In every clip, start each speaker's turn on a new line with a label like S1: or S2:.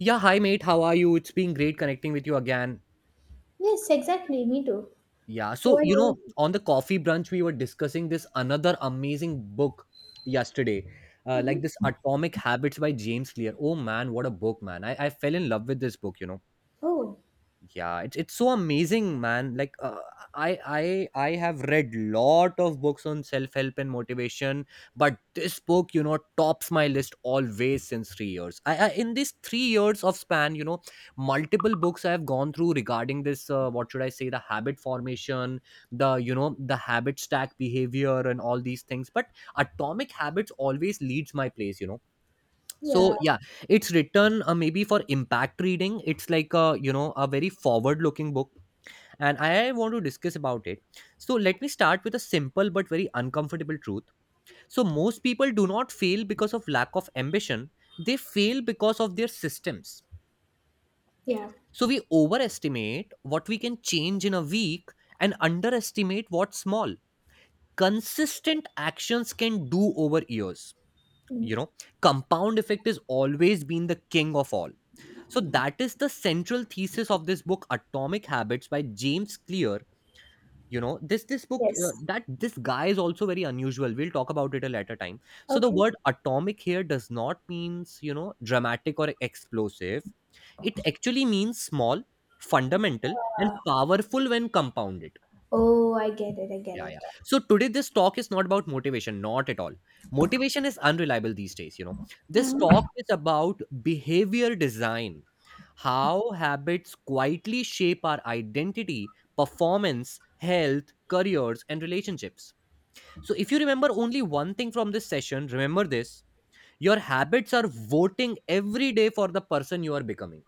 S1: Yeah, hi mate, how are you? It's been great connecting with you again.
S2: Yes, exactly. Me too.
S1: Yeah,
S2: Who
S1: so
S2: are you?
S1: on the coffee brunch, we were discussing this another amazing book yesterday, like this
S2: Mhm.
S1: Atomic Habits by James Clear. Oh man, what a book, man! I fell in love with this book.
S2: Oh,
S1: Yeah, it's so amazing, man, like, I have read lot of books on self help and motivation, but this book tops my list always since 3 years. I in these 3 years of span, multiple books I have gone through regarding this, what should I say, the habit formation, the you know the habit stack behavior and all these things. But atomic habits always leads my place. So
S2: yeah,
S1: yeah, it's written, maybe for impact reading. It's like a you know a very forward looking book and I want to discuss about it. So let me start with a simple but very uncomfortable truth. So most people do not fail because of lack of ambition. They fail because of their systems.
S2: yeah.
S1: So we overestimate what we can change in a week and underestimate what small consistent actions can do over years you
S2: Mm.
S1: know Compound effect has always been the king of all. So that is the central thesis of this book, Atomic Habits by James Clear. This book,
S2: Yes.
S1: that this guy is also very unusual. We'll talk about it a later time. So the
S2: Okay.
S1: word atomic here does not means, dramatic or explosive. It actually means small, fundamental, and
S2: Uh,
S1: powerful when compounded.
S2: oh, I get it. I get
S1: Yeah,
S2: it.
S1: yeah. So today, this talk is not about motivation, not at all. Motivation is unreliable these days. This talk
S2: Mhm.
S1: is about behavior design, how habits quietly shape our identity, performance, health, careers, and relationships. So if you remember only one thing from this session, remember this: your habits are voting every day for the person you are becoming.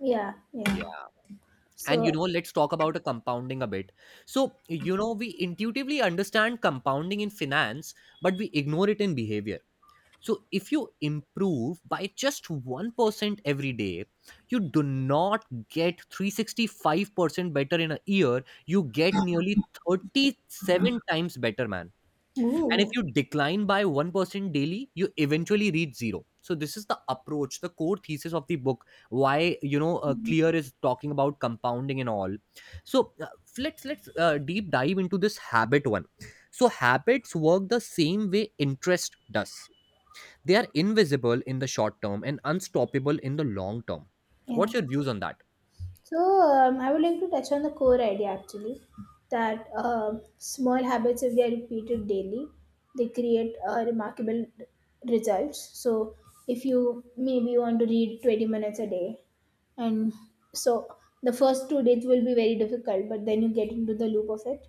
S2: Yeah, yeah. So,
S1: Let's talk about a compounding a bit. So, we intuitively understand compounding in finance, but we ignore it in behavior. So, if you improve by just 1% every day, you do not get 365% better in a year. You get nearly 37 times better, man. And if
S2: ooh.
S1: you decline by 1% daily, you eventually reach zero. So this is the approach, the core thesis of the book. Why,
S2: Mhm.
S1: Clear is talking about compounding and all. So, let's deep dive into this habit one. So habits work the same way interest does. They are invisible in the short term and unstoppable in the long term.
S2: Yeah.
S1: What's your views on that?
S2: So, I would like to touch on the core idea actually that small habits, if they are repeated daily, they create remarkable results. So, if you maybe want to read 20 minutes a day, and so the first two days will be very difficult, but then you get into the loop of it,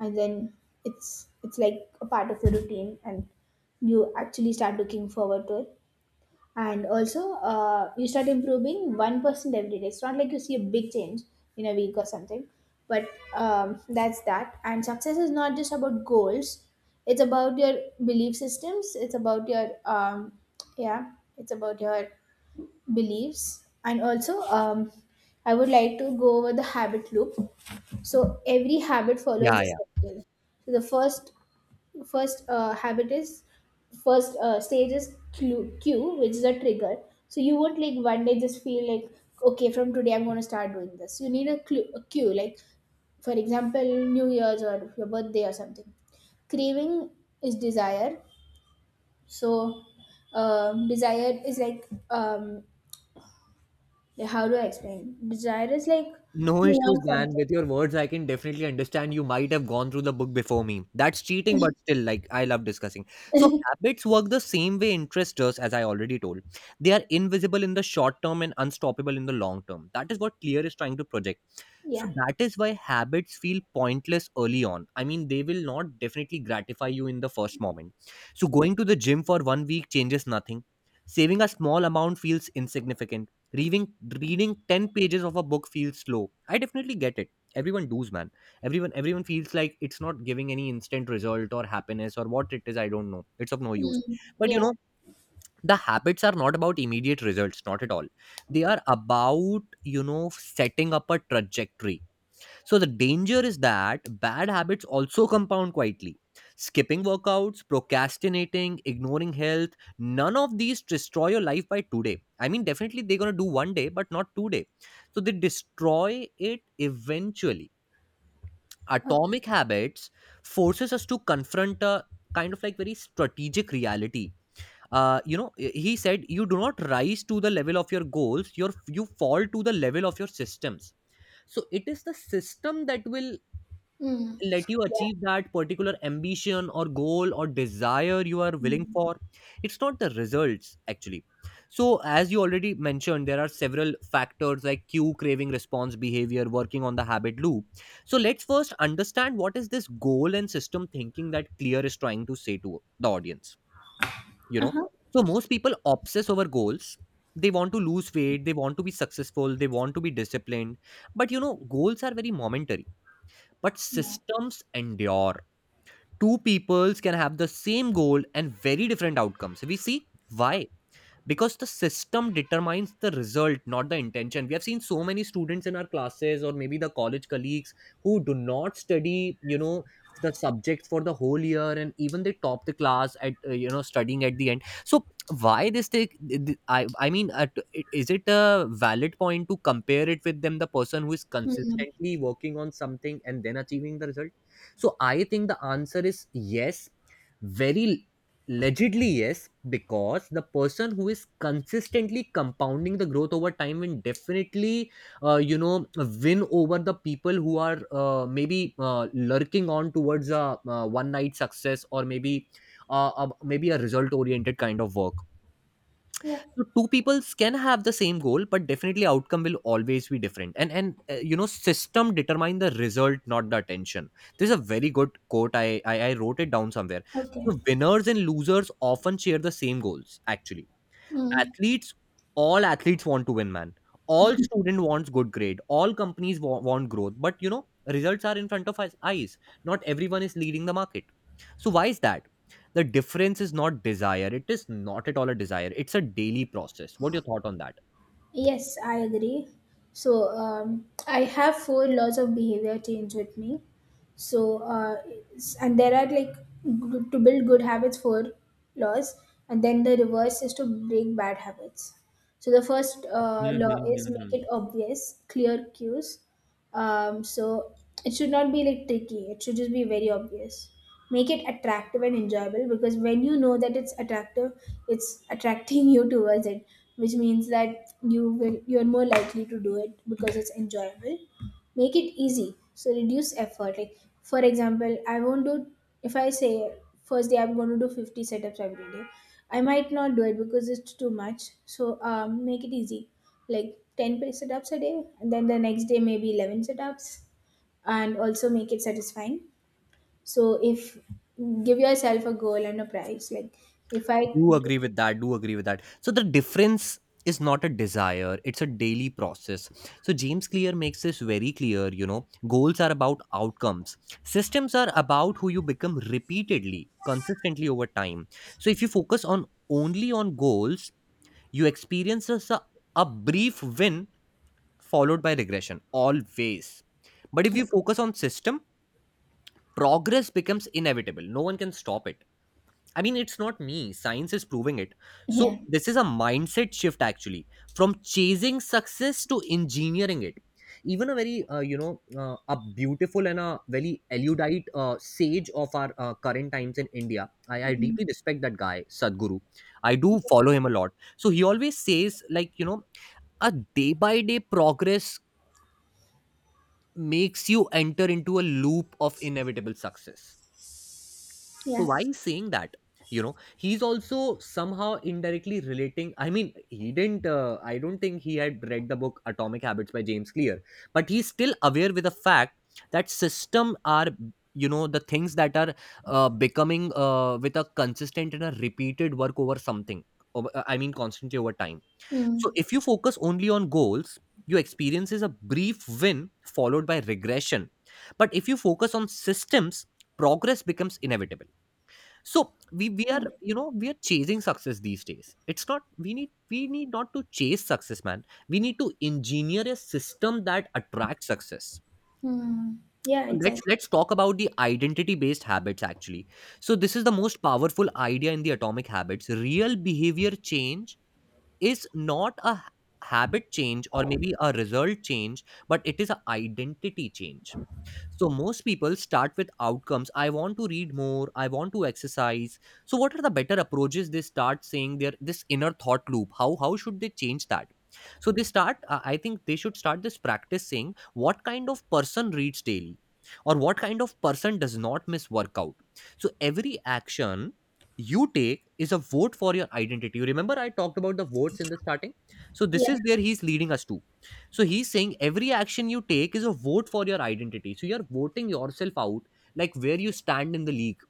S2: and then it's like a part of your routine, and you actually start looking forward to it. And also you start improving 1% every day. It's not like you see a big change in a week or something. But that's that. And success is not just about goals, it's about your belief systems, it's about your yeah, it's about your beliefs. And also I would like to go over the habit loop. So every habit follows the
S1: Yeah,
S2: circle. So the first uh, habit is first stage is cue, cue, which is a trigger. So you won't like one day just feel like, okay, from today I'm going to start doing this. You need a clue, a cue, like for example New Year's or your birthday or something. Craving is desire. So desire is like, um, how do I explain, desire is like
S1: no
S2: you
S1: issues,
S2: want
S1: man.
S2: something.
S1: With your words, I can definitely understand. You might have gone through the book before me. That's cheating, but still, like, I love discussing. So, habits work the same way interest does, as I already told. They are invisible in the short term and unstoppable in the long term. That is what Clear is trying to project. So
S2: Yeah.
S1: that is why habits feel pointless early on. I mean, they will not definitely gratify you in the first moment. So going to the gym for one week changes nothing. Saving a small amount feels insignificant. Reading 10 pages of a book feels slow. I definitely get it. Everyone does, man. Everyone feels like it's not giving any instant result or happiness or what it is, I don't know. It's of no use.
S2: Mm,
S1: But you
S2: yeah.
S1: know, the habits are not about immediate results, not at all. They are about, setting up a trajectory. So the danger is that bad habits also compound quietly. Skipping workouts, procrastinating, ignoring health, none of these destroy your life by today. I mean, definitely they're going to do one day, but not today. So they destroy it eventually.
S2: Okay.
S1: Atomic habits forces us to confront a kind of like very strategic reality. He said, you do not rise to the level of your goals, you fall to the level of your systems. So it is the system that will
S2: Mm.
S1: let you
S2: Yeah,
S1: achieve that particular ambition or goal or desire you are willing for. It's not the results actually. So as you already mentioned, there are several factors like cue, craving, response, behavior, working on the habit loop. So let's first understand what is this goal and system thinking that Clear is trying to say to the audience you know so most people obsess over goals. They want to lose weight, they want to be successful, they want to be disciplined. But goals are very momentary, but
S2: yeah.
S1: systems endure. Two peoples can have the same goal and very different outcomes, we see. Why? Because the system determines the result, not the intention. We have seen so many students in our classes or maybe the college colleagues who do not study the subjects for the whole year, and even they top the class at, studying at the end. So why this thing, I mean, is it a valid point to compare it with them, the person who is
S2: Mm.
S1: consistently working on something and then achieving the result? So I think the answer is yes. Very. Allegedly, yes, because the person who is consistently compounding the growth over time will definitely, win over the people who are, maybe, lurking on towards a, one night success, or maybe, maybe a result oriented kind of work.
S2: Yeah.
S1: So two peoples can have the same goal, but definitely outcome will always be different. And system determine the result, not the attention. This is a very good quote, I wrote it down somewhere.
S2: Okay.
S1: So winners and losers often share the same goals actually.
S2: Mm.
S1: Athletes, all athletes want to win, man. All student wants good grade, all companies want growth, but results are in front of us eyes. Not everyone is leading the market. So why is that? The difference is not desire, it is not at all a desire. It's a daily process. What your thought on that?
S2: Yes, I agree. So I have four laws of behavior change with me. So and there are like to build good habits, four laws, and then the reverse is to break bad habits. So the first law is make
S1: Mm-hmm.
S2: it obvious, clear cues. So it should not be like tricky. It should just be very obvious. Make it attractive and enjoyable, because when you know that it's attractive, it's attracting you towards it, which means that you're more likely to do it because it's enjoyable. Make it easy, so reduce effort. Like for example, I won't do, if I say first day I'm going to do 50 setups every day, I might not do it because it's too much. So make it easy, like 10 setups a day, and then the next day maybe 11 setups. And also make it satisfying. So if give yourself a goal and a prize, like if I
S1: Do
S2: do,
S1: agree with that, do agree with that. So the difference is not a desire, it's a daily process. So James Clear makes this very clear. Goals are about outcomes, systems are about who you become repeatedly, consistently, over time. So if you focus on only on goals, you experience a brief win followed by regression always. But if you focus on system, progress becomes inevitable, no one can stop it. I mean, it's not me. Science is proving it. So,
S2: yeah.
S1: this is a mindset shift actually, from chasing success to engineering it. Even a very, a beautiful and a very erudite sage of our current times in India. I
S2: Mm.
S1: deeply respect that guy, Sadhguru. I do follow him a lot. So, he always says, like, a day by day progress makes you enter into a loop of inevitable success. So
S2: Yeah.
S1: why he's saying that? He's also somehow indirectly relating. I mean, he didn't. I don't think he had read the book Atomic Habits by James Clear, but he's still aware with the fact that system are, the things that are, becoming, with a consistent and a repeated work over something, I mean, constantly over time.
S2: Hmm.
S1: So if you focus only on goals, you experiences a brief win followed by regression. But if you focus on systems, progress becomes inevitable. So we we are
S2: Yeah.
S1: you know we are chasing success these days. It's not, we need not to chase success, man. We need to engineer a system that attracts success.
S2: Hmm. Yeah,
S1: let's
S2: exactly.
S1: let's talk about the identity based habits actually. So this is the most powerful idea in the Atomic Habits. Real behavior change is not a habit change or maybe a result change, but it is an identity change. So most people start with outcomes. I want to read more. I want to exercise. So what are the better approaches? They start saying their this inner thought loop. How should they change that? So they start. I think they should start this practice saying, what kind of person reads daily, or what kind of person does not miss workout. So every action you take is a vote for your identity. You remember I talked about the votes in the starting. So this
S2: Yeah,
S1: is where he's leading us to. So he's saying every action you take is a vote for your identity. So you're voting yourself out, like where you stand in the league,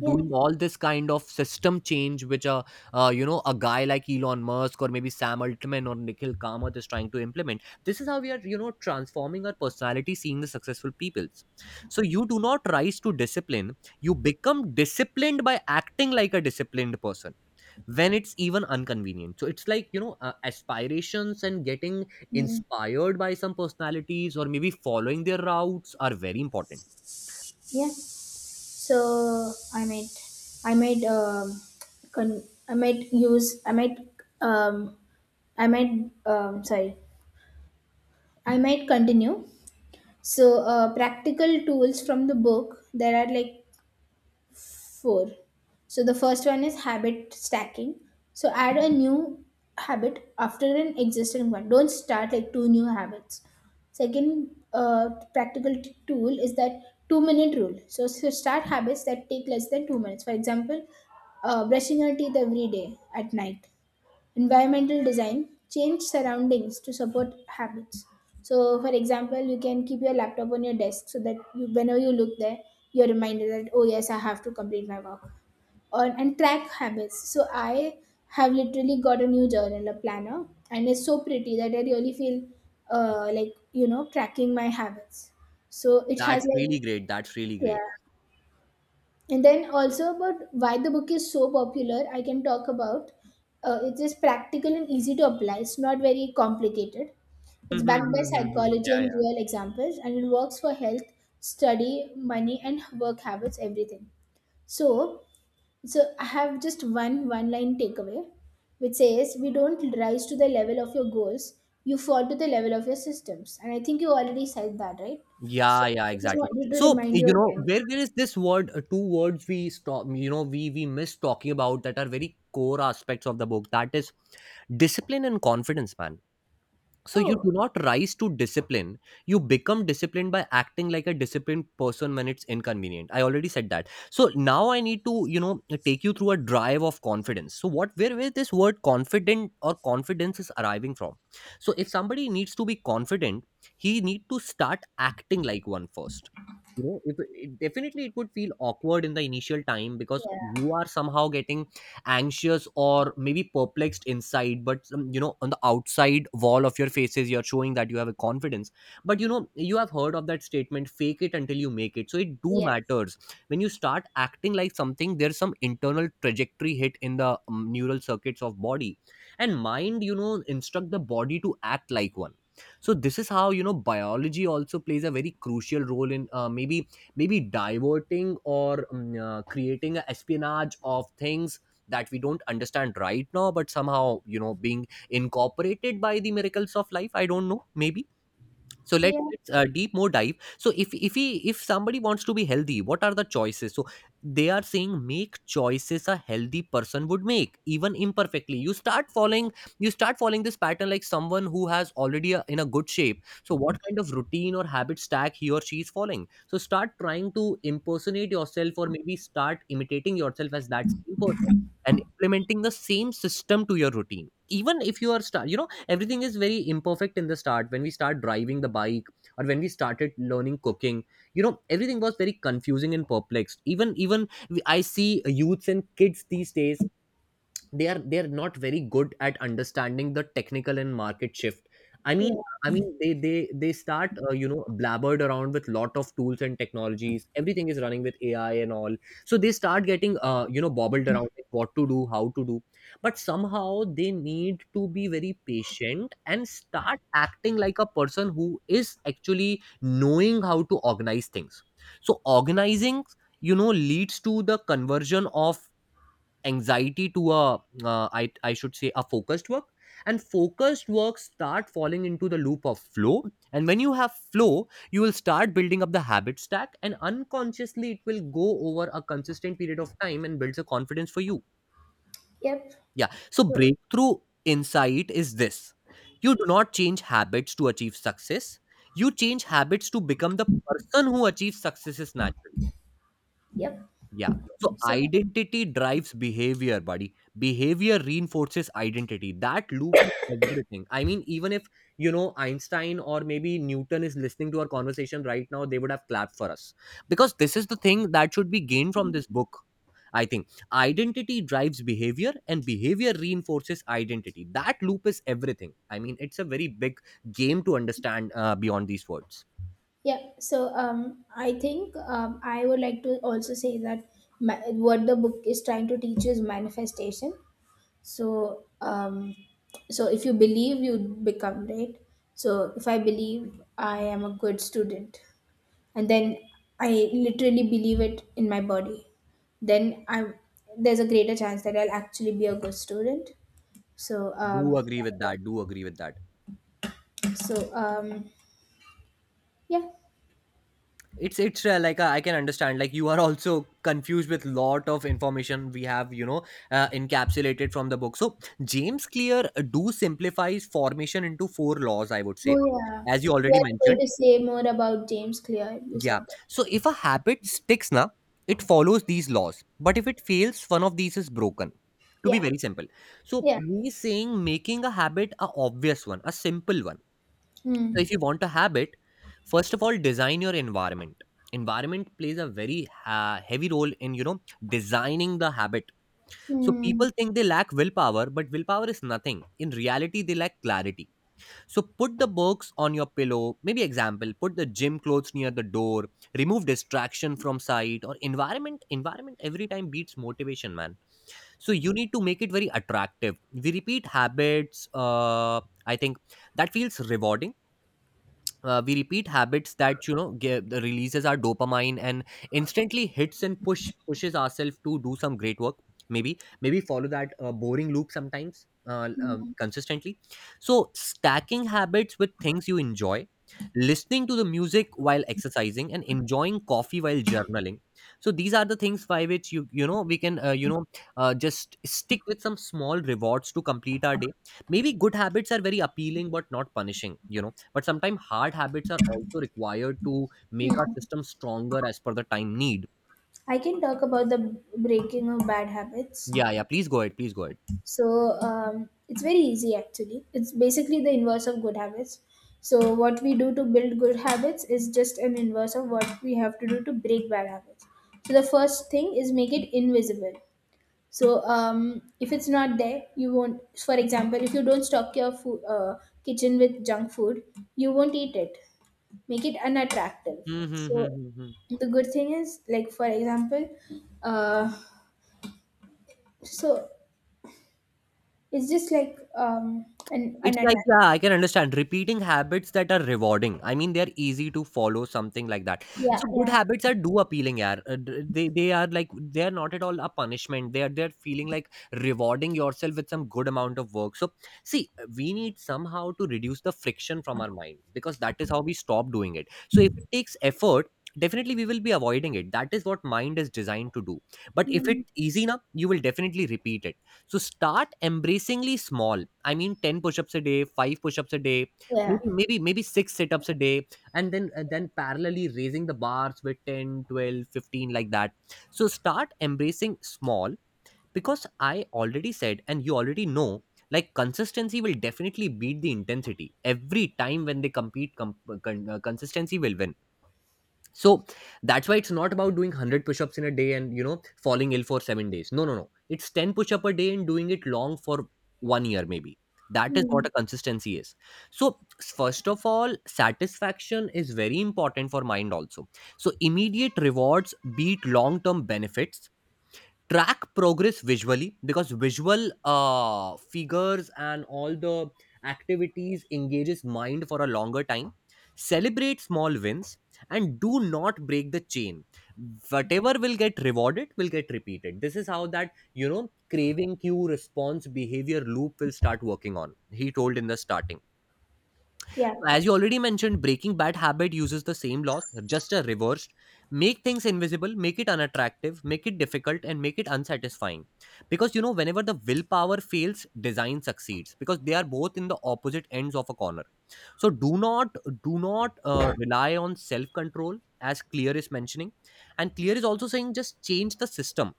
S2: yeah.
S1: doing all this kind of system change which a you know, a guy like Elon Musk or maybe Sam Altman or Nikhil Kamath is trying to implement. This is how we are, you know, transforming our personality, seeing the successful peoples. So you do not rise to discipline, you become disciplined by acting like a disciplined person when it's even inconvenient. So it's like, you know, aspirations and getting
S2: Hmm.
S1: inspired by some personalities or maybe following their routes are very important.
S2: Yeah. So I might, con- I might use, um, I might, um, sorry, I might continue. So practical tools from the book. There are like four. So the first one is habit stacking. So add a new habit after an existing one. Don't start like two new habits. Second practical tool is that 2 minute rule. So, so start habits that take less than 2 minutes. For example, brushing your teeth every day at night. Environmental design, change surroundings to support habits. So for example, you can keep your laptop on your desk, so that you, whenever you look there, you're reminded that, oh yes, I have to complete my work. Or, and track habits. So I have literally got a new journal, a planner, and it's so pretty that I really feel like, you know, tracking my habits. So it has
S1: That's really
S2: like,
S1: great, that's really great.
S2: yeah. And then also about why the book is so popular, I can talk about. It is practical and easy to apply. It's not very complicated.
S1: Mhm,
S2: It's backed by
S1: mhm, mhm, mhm.
S2: psychology
S1: Yeah,
S2: and
S1: yeah.
S2: real examples, and it works for health, study, money, and work habits, everything. So, so I have just one one-line takeaway, which says we don't rise to the level of your goals, you fall to the level of your systems. And I think you already said that, right? So
S1: Yeah, yeah,
S2: I just
S1: exactly.
S2: wanted to
S1: So,
S2: remind
S1: you
S2: you
S1: know,
S2: again.
S1: where is this word, two words we stop, you know, we miss talking about that are very core aspects of the book. That is discipline and confidence, man. So you
S2: Oh,
S1: do not rise to discipline. You become disciplined by acting like a disciplined person when it's inconvenient. I already said that. So now I need to, you know, take you through a drive of confidence. So what, where this word confident or confidence is arriving from? So if somebody needs to be confident, he need to start acting like one first. You know, if, it, definitely it would feel awkward in the initial time because
S2: yeah.
S1: you are somehow getting anxious or maybe perplexed inside, but you know, on the outside wall of your faces you're showing that you have a confidence. But you know, you have heard of that statement, fake it until you make it. So it do
S2: Yes.
S1: matters. When you start acting like something, there's some internal trajectory hit in the neural circuits of body and mind, you know, instruct the body to act like one. So this is how, you know, biology also plays a very crucial role in maybe maybe diverting or creating a espionage of things that we don't understand right now, but somehow, you know, being incorporated by the miracles of life. I don't know, maybe. So let's,
S2: Yeah.
S1: let's uh, deep more dive. So if somebody wants to be healthy, what are the choices? So they are saying, make choices a healthy person would make even imperfectly. You start following. You start following this pattern like someone who has already a, in a good shape. So what kind of routine or habit stack he or she is following? So start trying to impersonate yourself or maybe start imitating yourself as that same person and implementing the same system to your routine, even if you are start, you know, everything is very imperfect in the start. When we start driving the bike or when we started learning cooking, you know, everything was very confusing and perplexed. I see youths and kids these days, they are not very good at understanding the technical and market shift. i mean
S2: Yeah.
S1: i mean they they they start you know, blabbered around with lot of tools and technologies. Everything is running with AI and all. So they start getting, you know, bobbled around like what to do, how to do. But somehow they need to be very patient and start acting like a person who is actually knowing how to organize things. So organizing, you know, leads to the conversion of anxiety to a, I should say a focused work. And focused work start falling into the loop of flow. And when you have flow, you will start building up the habit stack, and unconsciously it will go over a consistent period of time and builds a confidence for you.
S2: Yep.
S1: Yeah, so
S2: So,
S1: breakthrough insight is this: you do not change habits to achieve success, you change habits to become the person who achieves successes naturally.
S2: yep.
S1: Yeah. So
S2: So,
S1: identity drives behavior, buddy. Behavior reinforces identity. That loop is everything. I mean, even if, you know, Einstein or maybe Newton is listening to our conversation right now, they would have clapped for us. Because this is the thing that should be gained from this book. I think identity drives behavior and behavior reinforces identity. That loop is everything. I mean, it's a very big game to understand beyond these words.
S2: yeah. So, I think I would like to also say that ma what the book is trying to teach is manifestation. So, so if you believe, you become right. So, if I believe I am a good student, and then I literally believe it in my body, then I'm there's a greater chance that I'll actually be a good student. So,
S1: Do
S2: um.
S1: agree with that. Do agree with that.
S2: So, um. Yeah.
S1: It's like, I can understand like you are also confused with lot of information we have, you know, encapsulated from the book. So James Clear do simplifies formation into four laws, I would say,
S2: Oh yeah,
S1: as you
S2: you
S1: already
S2: are going
S1: mentioned.
S2: to say more about James Clear. You
S1: Yeah,
S2: said that.
S1: so if a habit sticks now, it follows these laws, but if it fails, one of these is broken, to be
S2: Yeah,
S1: very simple. So
S2: yeah.
S1: he's saying, making a habit a obvious one, a simple one. So
S2: Hmm.
S1: if you want to have it, first of all, design your environment. Environment plays a very heavy role in, you know, designing the habit. So
S2: Hmm.
S1: people think they lack willpower, but willpower is nothing. In reality, they lack clarity. So put the books on your pillow. Maybe example, put the gym clothes near the door. Remove distraction from sight or environment. Environment every time beats motivation, man. So you need to make it very attractive. We repeat habits. I think that feels rewarding. We repeat habits that, you know, give, the releases our dopamine and instantly hits and pushes ourselves to do some great work. Maybe maybe follow that boring loop sometimes
S2: Hmm.
S1: consistently. So stacking habits with things you enjoy: listening to the music while exercising and enjoying coffee while journaling. So these are the things by which you know, we can, you know, just stick with some small rewards to complete our day. Maybe good habits are very appealing but not punishing, you know, but sometimes hard habits are also required to make our
S2: Hmm.
S1: system stronger as per the time need.
S2: I can talk about the breaking of bad habits.
S1: Yeah, yeah, please go ahead, please go ahead.
S2: So, it's very easy actually. It's basically the inverse of good habits. So, what we do to build good habits is just an inverse of what we have to do to break bad habits. So, the first thing is make it invisible. So if it's not there, you won't. For example, if you don't stock your food, kitchen with junk food, you won't eat it. Make it unattractive.
S1: Hmm, hmm, hmm,
S2: So
S1: hmm, hmm.
S2: the good thing is, like for example, uh, so it's just like an
S1: It's like,
S2: unattractive.
S1: yeah, I can understand repeating habits that are rewarding. I mean, they're easy to follow, something like that.
S2: Yeah,
S1: So good
S2: yeah,
S1: habits are do appealing, yeah. They are like, they are not at all a punishment. They are, they're feeling like rewarding yourself with some good amount of work. So see, we need somehow to reduce the friction from our mind, because that is how we stop doing it. So if it takes effort, definitely we will be avoiding it. That is what mind is designed to do. But if
S2: mm,
S1: it's easy enough, you will definitely repeat it. So start embracingly small. I mean, 10 push-ups a day, 5 push-ups a day, maybe
S2: yeah,
S1: maybe maybe 6 sit-ups a day, and then parallelly raising the bars with 10, 12, 15, like that. So start embracing small, because I already said and you already know, like consistency will definitely beat the intensity. Every time when they compete, consistency will win. So that's why it's not about doing 100 push-ups in a day and, you know, falling ill for 7 days. No, no, no. It's 10 push-up a day and doing it long for 1 year, maybe. That is what
S2: mm,
S1: a consistency is. So first of all, satisfaction is very important for mind also. So immediate rewards beat long-term benefits. Track progress visually, because visual figures and all the activities engages mind for a longer time. Celebrate small wins and do not break the chain. Whatever will get rewarded will get repeated. This is how that, you know, craving, cue, response, behavior loop will start working on, he told in the starting.
S2: yeah.
S1: As you already mentioned, breaking bad habit uses the same law, just a reversed. Make things invisible, make it unattractive, make it difficult, and make it unsatisfying. Because, you know, whenever the willpower fails, design succeeds. Because they are both in the opposite ends of a corner. So do not rely on self control, as Clear is mentioning. And Clear is also saying, just change the system.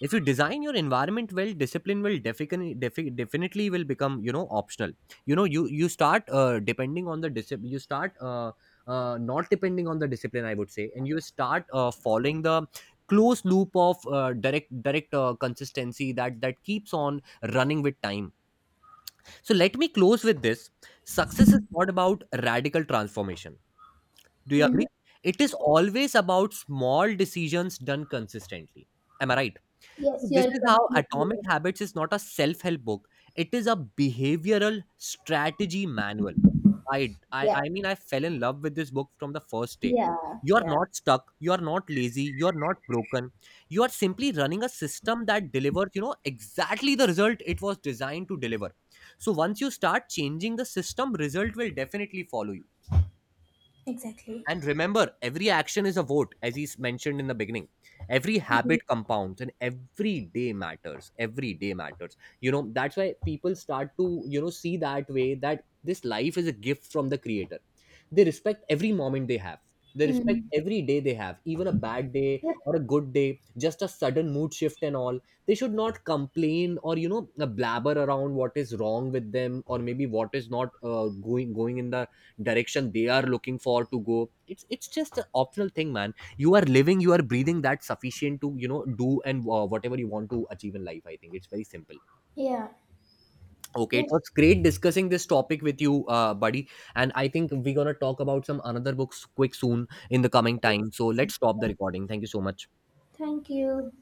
S1: If you design your environment well, discipline will definitely definitely will become, you know, optional. You know, you start depending on the discipline, you start not depending on the discipline, I would say. And you start following the close loop of direct consistency that that keeps on running with time. So let me close with this. Success is not about radical transformation, do you
S2: Hmm.
S1: agree? It is always about small decisions done consistently, am I right? So
S2: Yes,
S1: this
S2: you're
S1: is how
S2: completely
S1: Atomic
S2: right.
S1: Habits is not a self-help book. It is a behavioral strategy manual. I, I
S2: Yeah,
S1: I mean, I fell in love with this book from the first day.
S2: yeah,
S1: You are
S2: yeah.
S1: not stuck, you are not lazy, you are not broken. You are simply running a system that delivers, you know, exactly the result it was designed to deliver. So once you start changing the system, result will definitely follow you.
S2: Exactly.
S1: And remember, every action is a vote, as he's mentioned in the beginning. Every habit compounds and every day matters. Every day matters. You know, that's why people start to, you know, see that way that this life is a gift from the creator. They respect every moment they have. They respect
S2: Mm-hmm.
S1: every day they have, even a bad day
S2: Yep.
S1: or a good day, just a sudden mood shift and all. They should not complain or, you know, blabber around what is wrong with them or maybe what is not going in the direction they are looking for to go. It's just an optional thing, man. You are living, you are breathing, that sufficient to, you know, do and whatever you want to achieve in life. I think it's very simple.
S2: Yeah.
S1: Okay, it
S2: Yes.
S1: was great discussing this topic with you, buddy. And I think we're gonna talk about some another books quick soon in the coming time. So let's stop the recording. Thank you so much.
S2: Thank you.